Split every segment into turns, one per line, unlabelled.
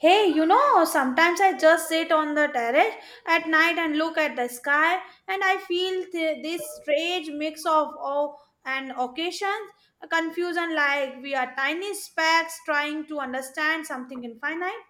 Hey, sometimes I just sit on the terrace at night and look at the sky, and I feel this strange mix of awe and occasions, a confusion like we are tiny specks trying to understand something infinite.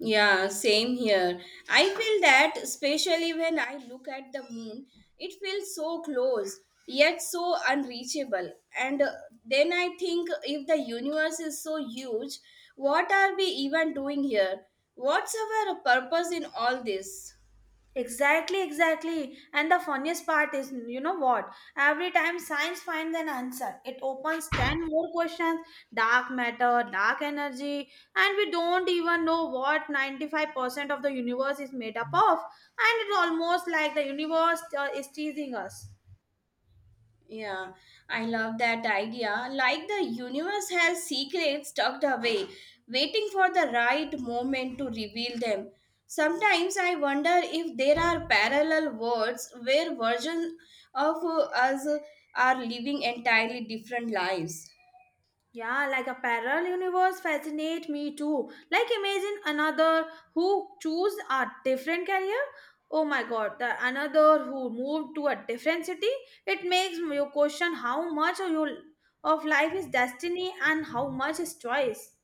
Yeah, same here. I feel that, especially when I look at the moon, it feels so close, yet so unreachable. And Then I think if the universe is so huge, what are we even doing here? What's our purpose in all this?
Exactly, exactly. And the funniest part is, you know what? Every time science finds an answer, it opens 10 more questions: dark matter, dark energy, and we don't even know what 95% of the universe is made up of. And it's almost like the universe is teasing us.
Yeah, I love that idea. Like the universe has secrets tucked away, waiting for the right moment to reveal them. Sometimes I wonder if there are parallel worlds where versions of us are living entirely different lives.
Yeah, like a parallel universe fascinate me too. Like imagine another who choose a different career. Oh my god, the another who moved to a different city. It makes you question how much of your of life is destiny and how much is choice.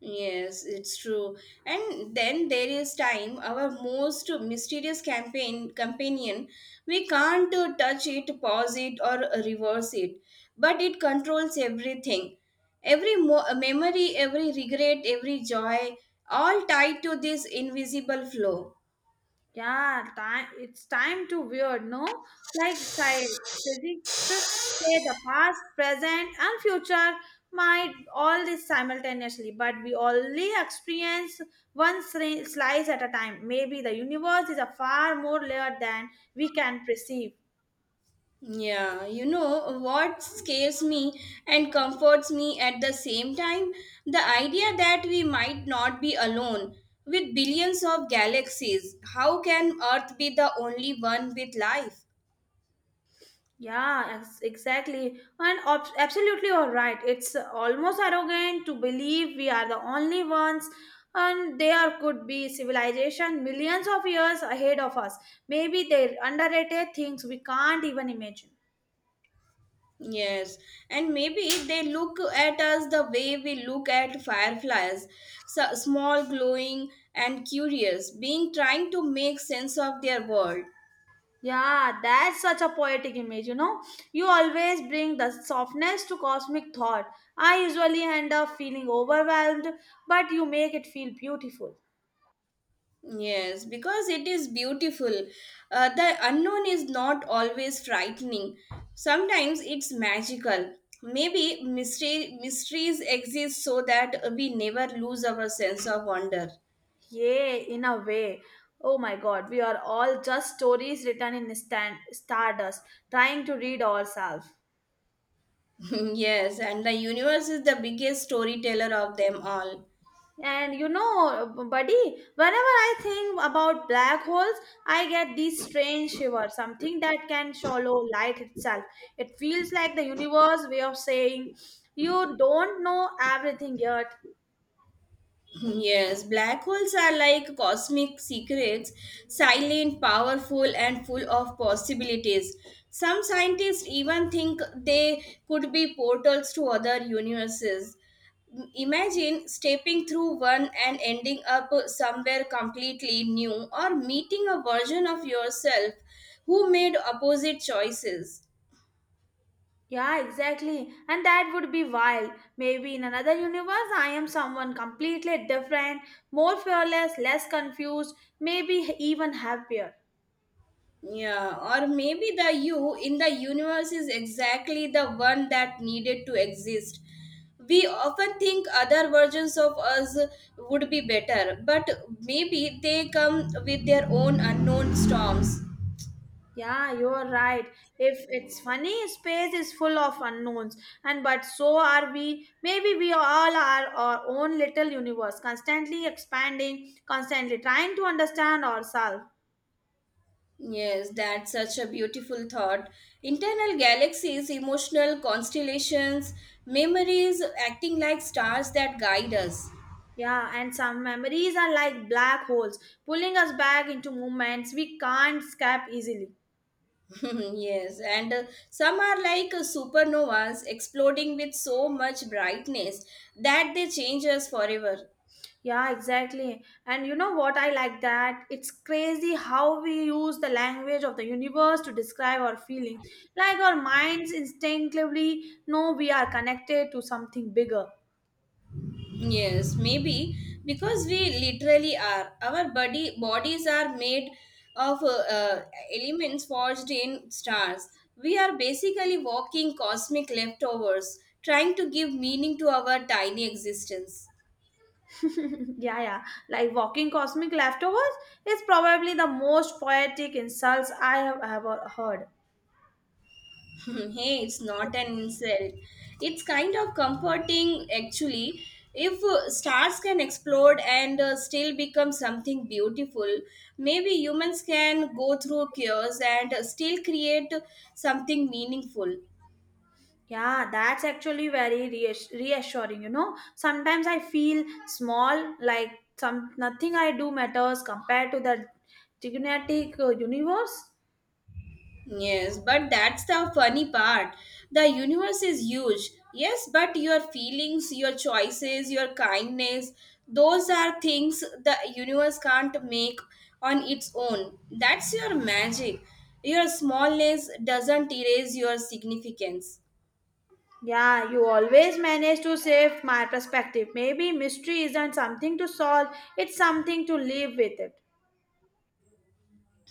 Yes, it's true. And then there is time, our most mysterious campaign companion. We can't touch it, pause it, or reverse it, but it controls everything. Every memory, every regret, every joy, all tied to this invisible flow.
Yeah, time it's time to weird, no? Like science, physics to say the past, present, and future might all this simultaneously, but we only experience one slice at a time. Maybe the universe is a far more layer than we can perceive.
Yeah, you know what scares me and comforts me at the same time? The idea that we might not be alone. With billions of galaxies, how can Earth be the only one with life?
Yeah, exactly. And absolutely, all right. It's almost arrogant to believe we are the only ones, and there could be civilization millions of years ahead of us. Maybe they underrated things we can't even imagine.
Yes, and maybe they look at us the way we look at fireflies, so small, glowing, and curious, being trying to make sense of their world.
Yeah, that's such a poetic image, you know. You always bring the softness to cosmic thought. I usually end up feeling overwhelmed, but you make it feel beautiful.
Yes, because it is beautiful. The unknown is not always frightening. Sometimes it's magical. Maybe mysteries exist so that we never lose our sense of wonder.
Yeah, in a way. Oh my god, we are all just stories written in stardust, trying to read ourselves.
Yes, and the universe is the biggest storyteller of them all.
And buddy, whenever I think about black holes, I get these strange shivers, something that can swallow light itself. It feels like the universe way of saying, "You don't know everything yet."
Yes, black holes are like cosmic secrets, silent, powerful, and full of possibilities. Some scientists even think they could be portals to other universes. Imagine stepping through one and ending up somewhere completely new, or meeting a version of yourself who made opposite choices.
Yeah, exactly. And that would be wild. Maybe in another universe, I am someone completely different, more fearless, less confused, maybe even happier.
Yeah, or maybe the you in the universe is exactly the one that needed to exist. We often think other versions of us would be better, but maybe they come with their own unknown storms.
Yeah, you are right. If it's funny, space is full of unknowns, and but so are we. Maybe we all are our own little universe, constantly expanding, constantly trying to understand ourselves.
Yes, that's such a beautiful thought. Internal galaxies, emotional constellations, memories acting like stars that guide us.
Yeah, and some memories are like black holes, pulling us back into moments we can't escape easily.
Yes, and some are like supernovas exploding with so much brightness that they change us forever.
Yeah, exactly. And you know what I like that? It's crazy how we use the language of the universe to describe our feelings. Like our minds instinctively know we are connected to something bigger.
Yes, maybe because we literally are. Our body bodies are made of elements forged in stars. We are basically walking cosmic leftovers, trying to give meaning to our tiny existence.
Yeah, yeah. Like walking cosmic leftovers is probably the most poetic insults I have ever heard.
Hey, it's not an insult. It's kind of comforting actually. If stars can explode and still become something beautiful, maybe humans can go through chaos and still create something meaningful.
Yeah, that's actually very reassuring. Sometimes I feel small, like some nothing I do matters compared to the gigantic universe.
Yes, but that's the funny part. The universe is huge. Yes, but your feelings, your choices, your kindness, those are things the universe can't make on its own. That's your magic. Your smallness doesn't erase your significance.
Yeah, you always manage to shift my perspective. Maybe mystery isn't something to solve; it's something to live with it.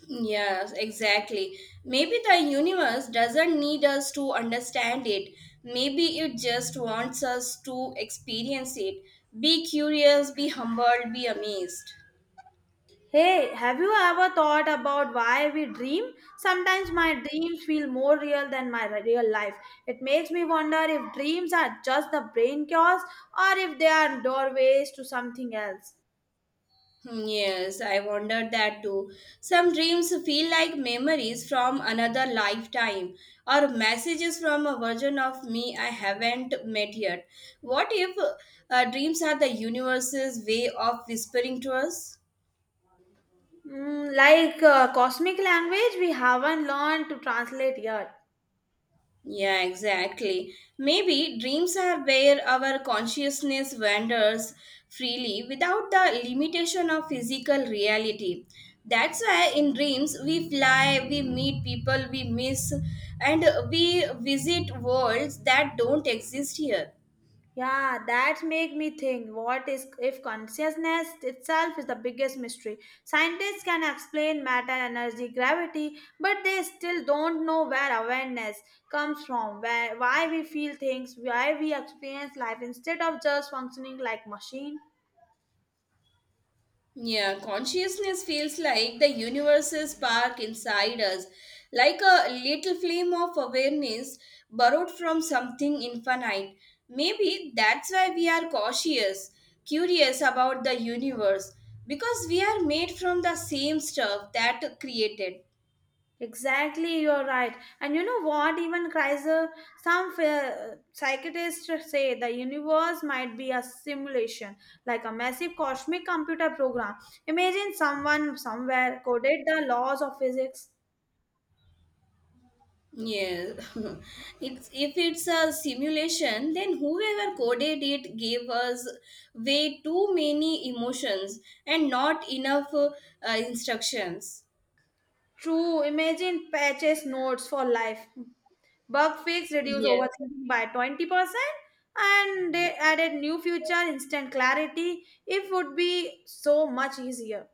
Yes, exactly. Maybe the universe doesn't need us to understand it. Maybe it just wants us to experience it. Be curious, be humbled, be amazed.
Hey, have you ever thought about why we dream? Sometimes my dreams feel more real than my real life. It makes me wonder if dreams are just the brain chaos or if they are doorways to something else.
Hmm, yes, I wondered that too. Some dreams feel like memories from another lifetime or messages from a version of me I haven't met yet. What if dreams are the universe's way of whispering to us?
Like cosmic language we haven't learned to translate yet.
Yeah, exactly. Maybe dreams are where our consciousness wanders freely without the limitation of physical reality. That's why in dreams we fly, we meet people we miss, and we visit worlds that don't exist here.
Yeah, that make me think what is if consciousness itself is the biggest mystery. Scientists can explain matter, energy, gravity, but they still don't know where awareness comes from, where why we feel things, why we experience life instead of just functioning like machine.
Yeah, consciousness feels like the universe's spark inside us, like a little flame of awareness borrowed from something infinite. Maybe that's why we are cautious, curious about the universe, because we are made from the same stuff that created.
Exactly, you're right. And you know what? Even Kaiser, some psychiatrists say the universe might be a simulation, like a massive cosmic computer program. Imagine someone somewhere coded the laws of physics.
Yes, if it's a simulation, then whoever coded it gave us way too many emotions and not enough instructions.
True, imagine patches notes for life. Bug fix reduce
Yes,
overthinking by 20%, and they added new future instant clarity. It would be so much easier.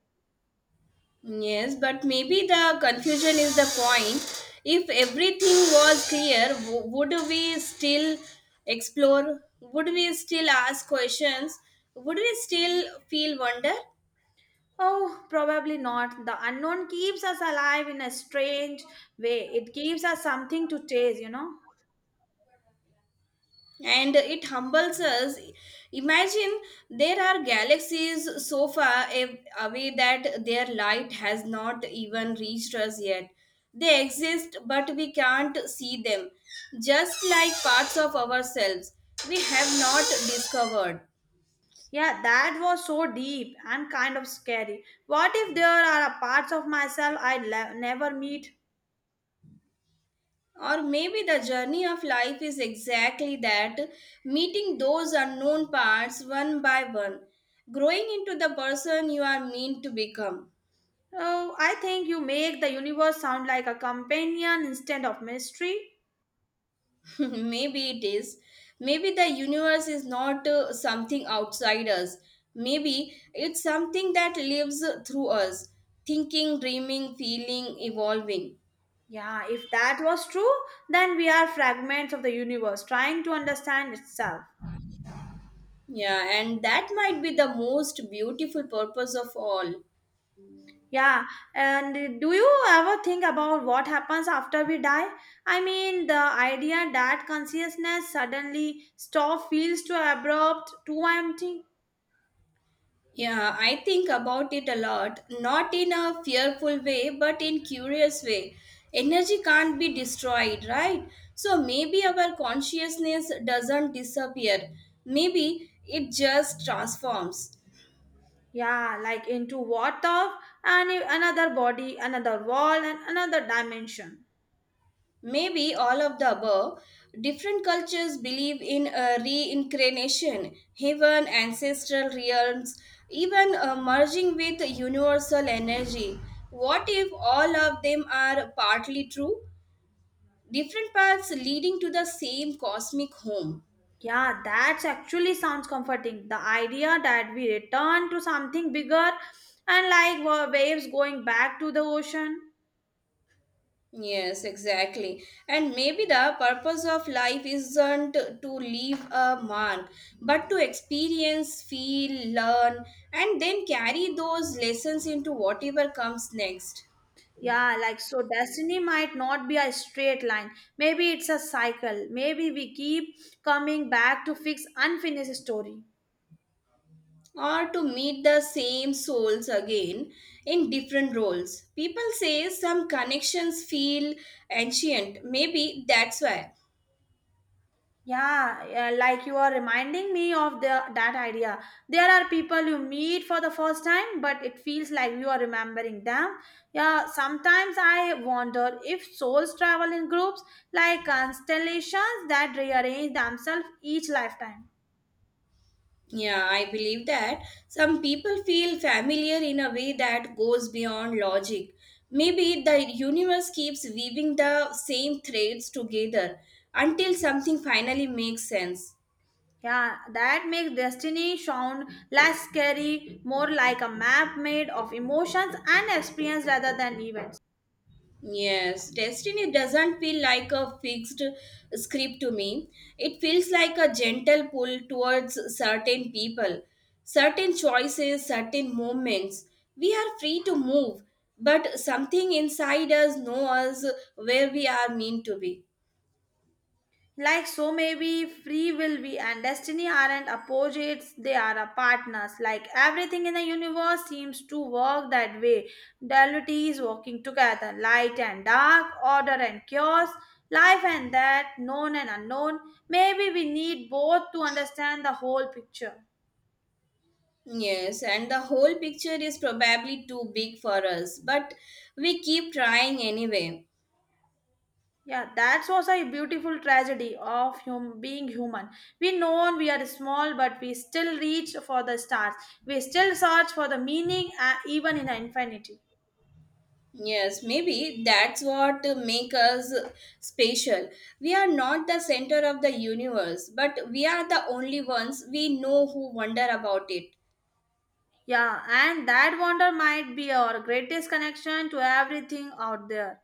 yes, but maybe the confusion is the point. If everything was clear, would we still explore? Would we still ask questions? Would we still feel wonder?
Oh, probably not. The unknown keeps us alive in a strange way. It gives us something to chase, you know?
And it humbles us. Imagine there are galaxies so far away that their light has not even reached us yet. They exist, but we can't see them, just like parts of ourselves we have not discovered.
Yeah, that was so deep and kind of scary. What if there are a parts of myself I never meet?
Or maybe the journey of life is exactly that, meeting those unknown parts one by one, growing into the person you are meant to become.
Oh, I think you make the universe sound like a companion instead of mystery.
Maybe it is. Maybe the universe is not something outside us. Maybe it's something that lives through us, thinking, dreaming, feeling, evolving.
Yeah, if that was true, then we are fragments of the universe trying to understand itself.
Yeah, and that might be the most beautiful purpose of all.
Yeah, and do you ever think about what happens after we die? I mean, the idea that consciousness suddenly stop feels too abrupt, too empty.
Yeah, I think about it a lot, not in a fearful way, but in curious way. Energy can't be destroyed, right? So maybe our consciousness doesn't disappear. Maybe it just transforms.
Yeah, like into what of and another body, another world, and another dimension.
Maybe all of the above. Different cultures believe in reincarnation, heaven, ancestral realms, even merging with universal energy. What if all of them are partly true? Different paths leading to the same cosmic home.
Yeah, that actually sounds comforting. The idea that we return to something bigger and like waves going back to the ocean.
Yes, exactly. And maybe the purpose of life isn't to leave a mark, but to experience, feel, learn, and then carry those lessons into whatever comes next.
Yeah, like so, destiny might not be a straight line. Maybe it's a cycle. Maybe we keep coming back to fix unfinished story.
Or to meet the same souls again in different roles. People say some connections feel ancient. Maybe that's why.
Yeah, yeah, like you are reminding me of the that idea. There are people you meet for the first time, but it feels like you are remembering them. Yeah, sometimes I wonder if souls travel in groups like constellations that rearrange themselves each lifetime.
Yeah, I believe that some people feel familiar in a way that goes beyond logic. Maybe the universe keeps weaving the same threads together until something finally makes sense.
Yeah, that makes destiny sound less scary, more like a map made of emotions and experience rather than events.
Yes, destiny doesn't feel like a fixed script to me. It feels like a gentle pull towards certain people, certain choices, certain moments. We are free to move, but something inside us knows where we are meant to be.
Like so, maybe free will be and destiny aren't opposites, they are a partners. Like everything in the universe seems to work that way. Duality is working together, light and dark, order and chaos, life and death, known and unknown. Maybe we need both to understand the whole picture.
Yes, and the whole picture is probably too big for us, but we keep trying anyway.
Yeah, that was a beautiful tragedy of being human. We know we are small, but we still reach for the stars. We still search for the meaning, even in infinity.
Yes, maybe that's what make us special. We are not the center of the universe, but we are the only ones we know who wonder about it.
Yeah, and that wonder might be our greatest connection to everything out there.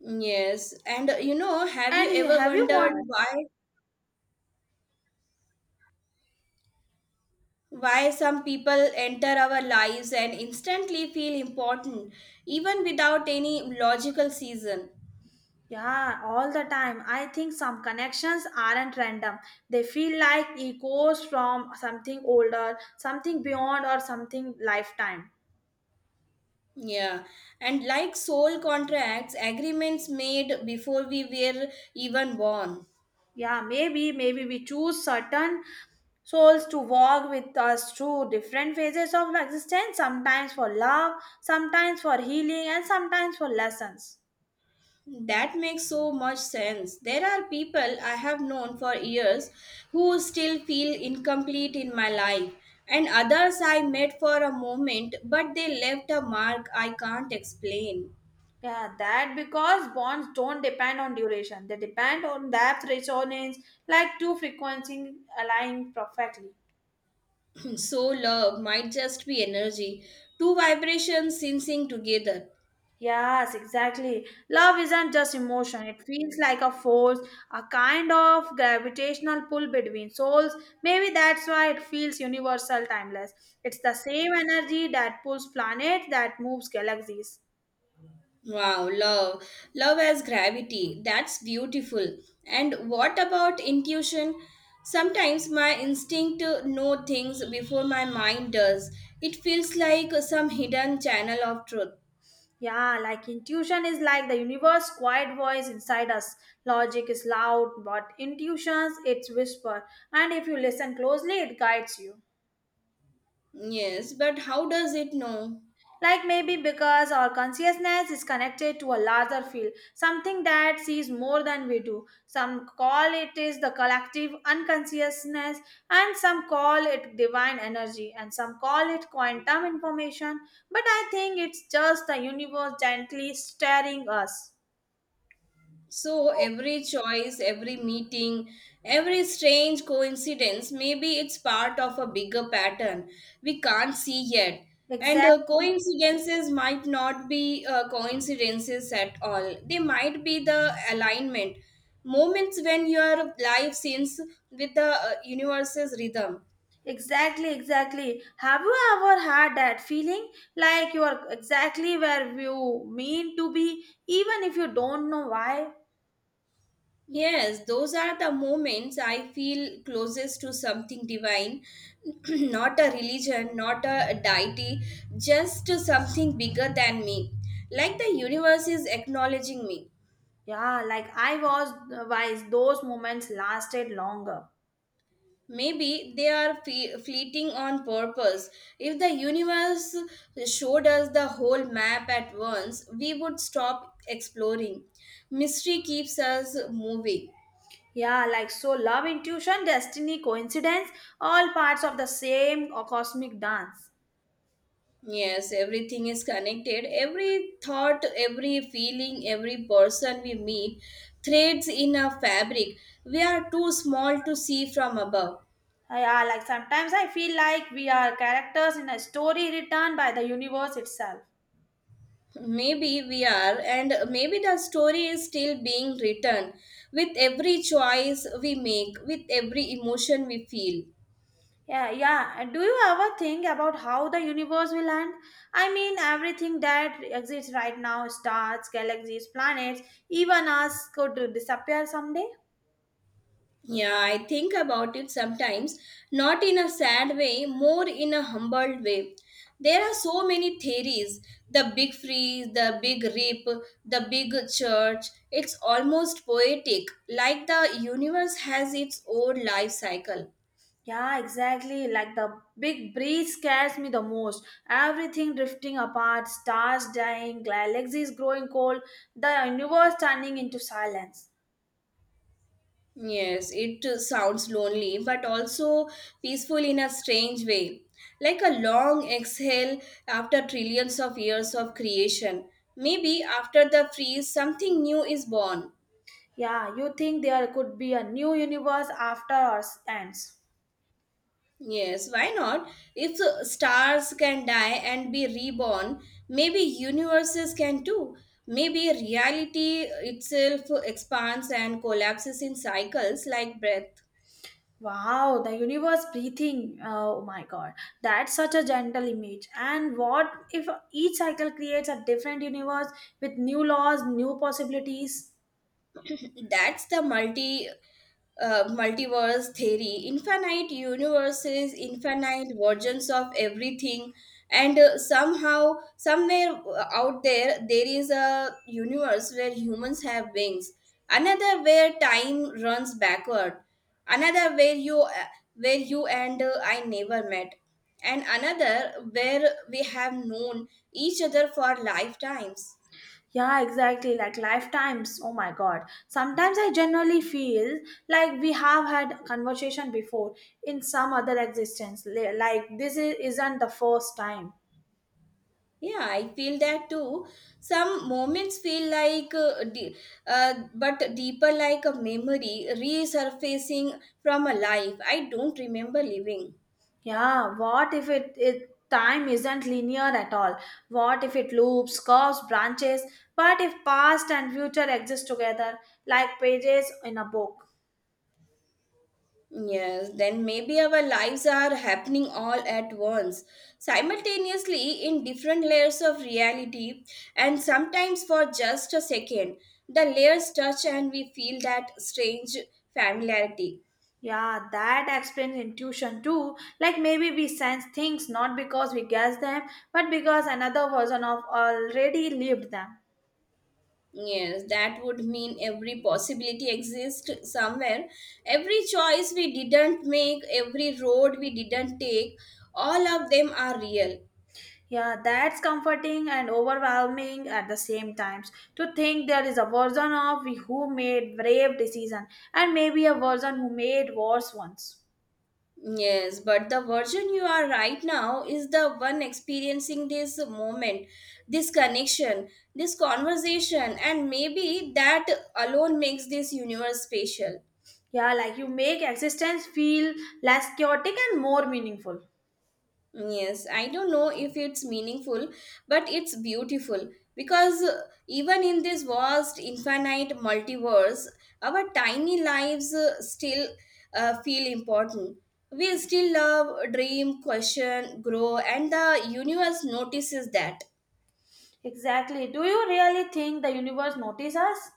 Yes, and you know, have you
And
ever
have you
wondered
wondered?
why some people enter our lives and instantly feel important even without any logical season?
Yeah, all the time. I think some connections aren't random. They feel like echoes from something older, something beyond, or something lifetime.
Yeah, and like soul contracts, agreements made before we were even born.
Yeah, maybe we choose certain souls to walk with us through different phases of existence, sometimes for love, sometimes for healing, and sometimes for lessons.
That makes so much sense. There are people I have known for years who still feel incomplete in my life, and others I met for a moment, but they left a mark I can't explain.
Yeah, that because bonds don't depend on duration, they depend on depth resonance, like two frequencies aligning perfectly.
So, love might just be energy, two vibrations syncing together.
Yes, exactly. Love isn't just emotion. It feels like a force, a kind of gravitational pull between souls. Maybe that's why it feels universal, timeless. It's the same energy that pulls planets, that moves galaxies.
Wow, love. Love as gravity. That's beautiful. And what about intuition? Sometimes my instinct know things before my mind does. It feels like some hidden channel of truth.
Yeah, like intuition is like the universe quiet voice inside us. Logic is loud, but intuitions it's whisper. And if you listen closely, it guides you.
Yes, but how does it know?
Like maybe because our consciousness is connected to a larger field, something that sees more than we do. Some call it is the collective unconsciousness, and some call it divine energy, and some call it quantum information. But I think it's just the universe gently staring us.
So every choice, every meeting, every strange coincidence, maybe it's part of a bigger pattern we can't see yet. And
Exactly.
coincidences might not be coincidences at all. They might be the alignment, moments when your life sings with the universe's rhythm.
Exactly, exactly. Have you ever had that feeling like you are exactly where you mean to be, even if you don't know why?
Yes, those are the moments I feel closest to something divine, not a religion, not a deity, just to something bigger than me. Like the universe is acknowledging me.
Yeah, like I was wise, those moments lasted longer.
Maybe they are fleeting on purpose. If the universe showed us the whole map at once, we would stop exploring. Mystery keeps us moving.
Yeah, like so love, intuition, destiny, coincidence, all parts of the same cosmic dance.
Yes, everything is connected. Every thought, every feeling, every person we meet threads in a fabric we are too small to see from above.
Yeah, like sometimes I feel like we are characters in a story written by the universe itself.
Maybe we are, and maybe the story is still being written with every choice we make, with every emotion we feel.
Yeah, yeah. And do you ever think about how the universe will end? I mean, everything that exists right now, stars, galaxies, planets, even us could disappear someday.
Yeah, I think about it sometimes, not in a sad way, more in a humbled way. There are so many theories: the big freeze, the big rip, the big church. It's almost poetic, like the universe has its own life cycle.
Yeah, exactly. Like the big breeze scares me the most. Everything drifting apart, stars dying, galaxies growing cold, the universe turning into silence.
Yes, it sounds lonely, but also peaceful in a strange way. Like a long exhale after trillions of years of creation. Maybe after the freeze, something new is born.
Yeah, you think there could be a new universe after ours ends.
Yes, why not? If the stars can die and be reborn, maybe universes can too. Maybe reality itself expands and collapses in cycles like breath.
Wow, the universe breathing. Oh my god, that's such a gentle image. And what if each cycle creates a different universe with new laws, new possibilities?
That's the multiverse theory, infinite universes, infinite versions of everything, and somehow, somewhere out there, there is a universe where humans have wings. Another where time runs backward. Another where you and I never met. And another where we have known each other for lifetimes.
Yeah, exactly. Like lifetimes. Oh my God. Sometimes I generally feel like we have had conversation before in some other existence. Like this is, isn't the first time.
Yeah, I feel that too. Some moments feel like, but deeper, like a memory resurfacing from a life I don't remember living.
Yeah. What if it time isn't linear at all? What if it loops, curves, branches? What if past and future exist together like pages in a book?
Yes, then maybe our lives are happening all at once, simultaneously in different layers of reality, and sometimes for just a second. The layers touch and we feel that strange familiarity.
Yeah, that explains intuition too. Like maybe we sense things not because we guess them, but because another version of already lived them.
Yes, that would mean every possibility exists somewhere. Every choice we didn't make, every road we didn't take, all of them are real.
Yeah, that's comforting and overwhelming at the same times. To think there is a version of we who made brave decision and maybe a version who made worse ones.
Yes, but the version you are right now is the one experiencing this moment, this connection, this conversation, and maybe that alone makes this universe special.
Yeah, like you make existence feel less chaotic and more meaningful.
Yes, I don't know if it's meaningful, but it's beautiful because even in this vast, infinite multiverse, our tiny lives still feel important. We still love, dream, question, grow, and the universe notices that.
Exactly. Do you really think the universe notices us?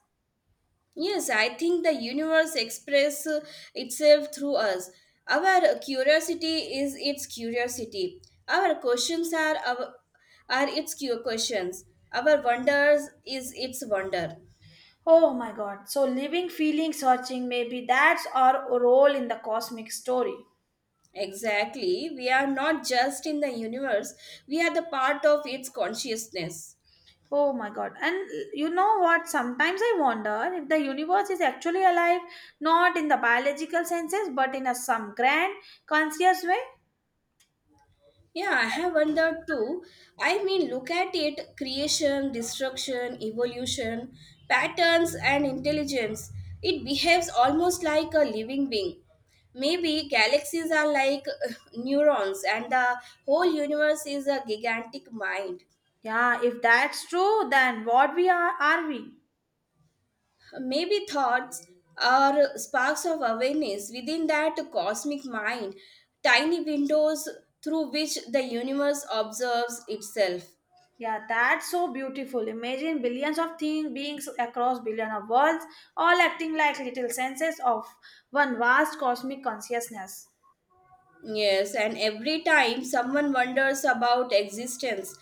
Yes, I think the universe express itself through us. Our curiosity is its curiosity. Our questions are its questions. Our wonders is its wonder.
Oh my god. So living, feeling, searching, maybe that's our role in the cosmic story.
Exactly. We are not just in the universe, we are the part of its consciousness.
Oh my god. And you know what? Sometimes I wonder if the universe is actually alive, not in the biological senses, but in a some grand conscious way.
Yeah, I have wondered too. I mean, look at it: creation, destruction, evolution, patterns, and intelligence. It behaves almost like a living being. Maybe galaxies are like neurons, and the whole universe is a gigantic mind.
Yeah, if that's true, then what we are we?
Maybe thoughts are sparks of awareness within that cosmic mind, tiny windows through which the universe observes itself.
Yeah, that's so beautiful. Imagine billions of things, beings across billion of worlds, all acting like little senses of one vast cosmic consciousness.
Yes, and every time someone wonders about existence,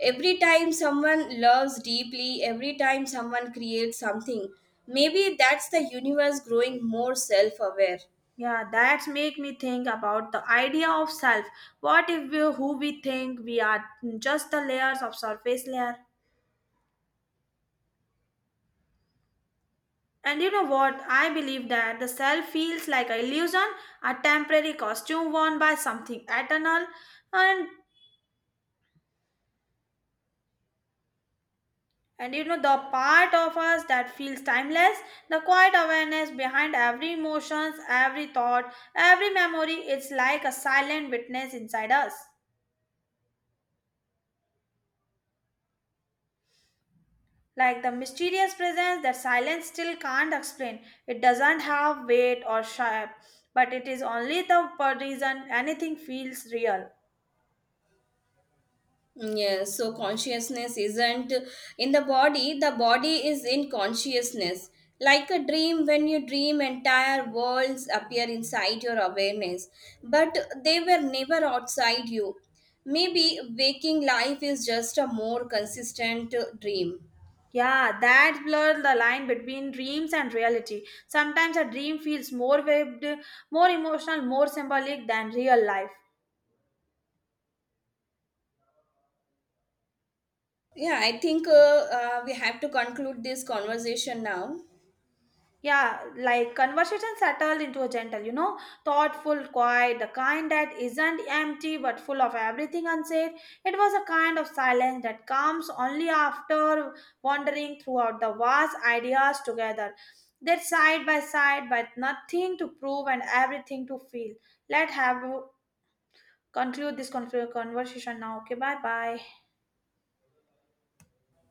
every time someone loves deeply, every time someone creates something, maybe that's the universe growing more self aware.
Yeah, that's make me think about the idea of self. What if we, who we think we are just the layers of surface layer? And you know what? I believe that the self feels like a illusion, a temporary costume worn by something eternal, and and you know the part of us that feels timeless, the quiet awareness behind every emotions, every thought, every memory. It's like a silent witness inside us. Like the mysterious presence that silence still can't explain. It doesn't have weight or shape, but it is only the reason anything feels real.
Mm, yes, so consciousness isn't in the body is in consciousness. Like a dream, when you dream, entire worlds appear inside your awareness, but they were never outside you. Maybe waking life is just a more consistent dream.
Yeah, that blurs the line between dreams and reality. Sometimes a dream feels more webbed, more emotional, more symbolic than real life.
Yeah, I think we have to conclude this conversation now.
Yeah, like conversation settled into a gentle, thoughtful, quiet, the kind that isn't empty but full of everything unsaid. It was a kind of silence that comes only after wandering throughout the vast ideas together. They're side by side, but nothing to prove and everything to feel. Let have conclude this conversation now. Okay, bye bye.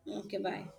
Okay, bye.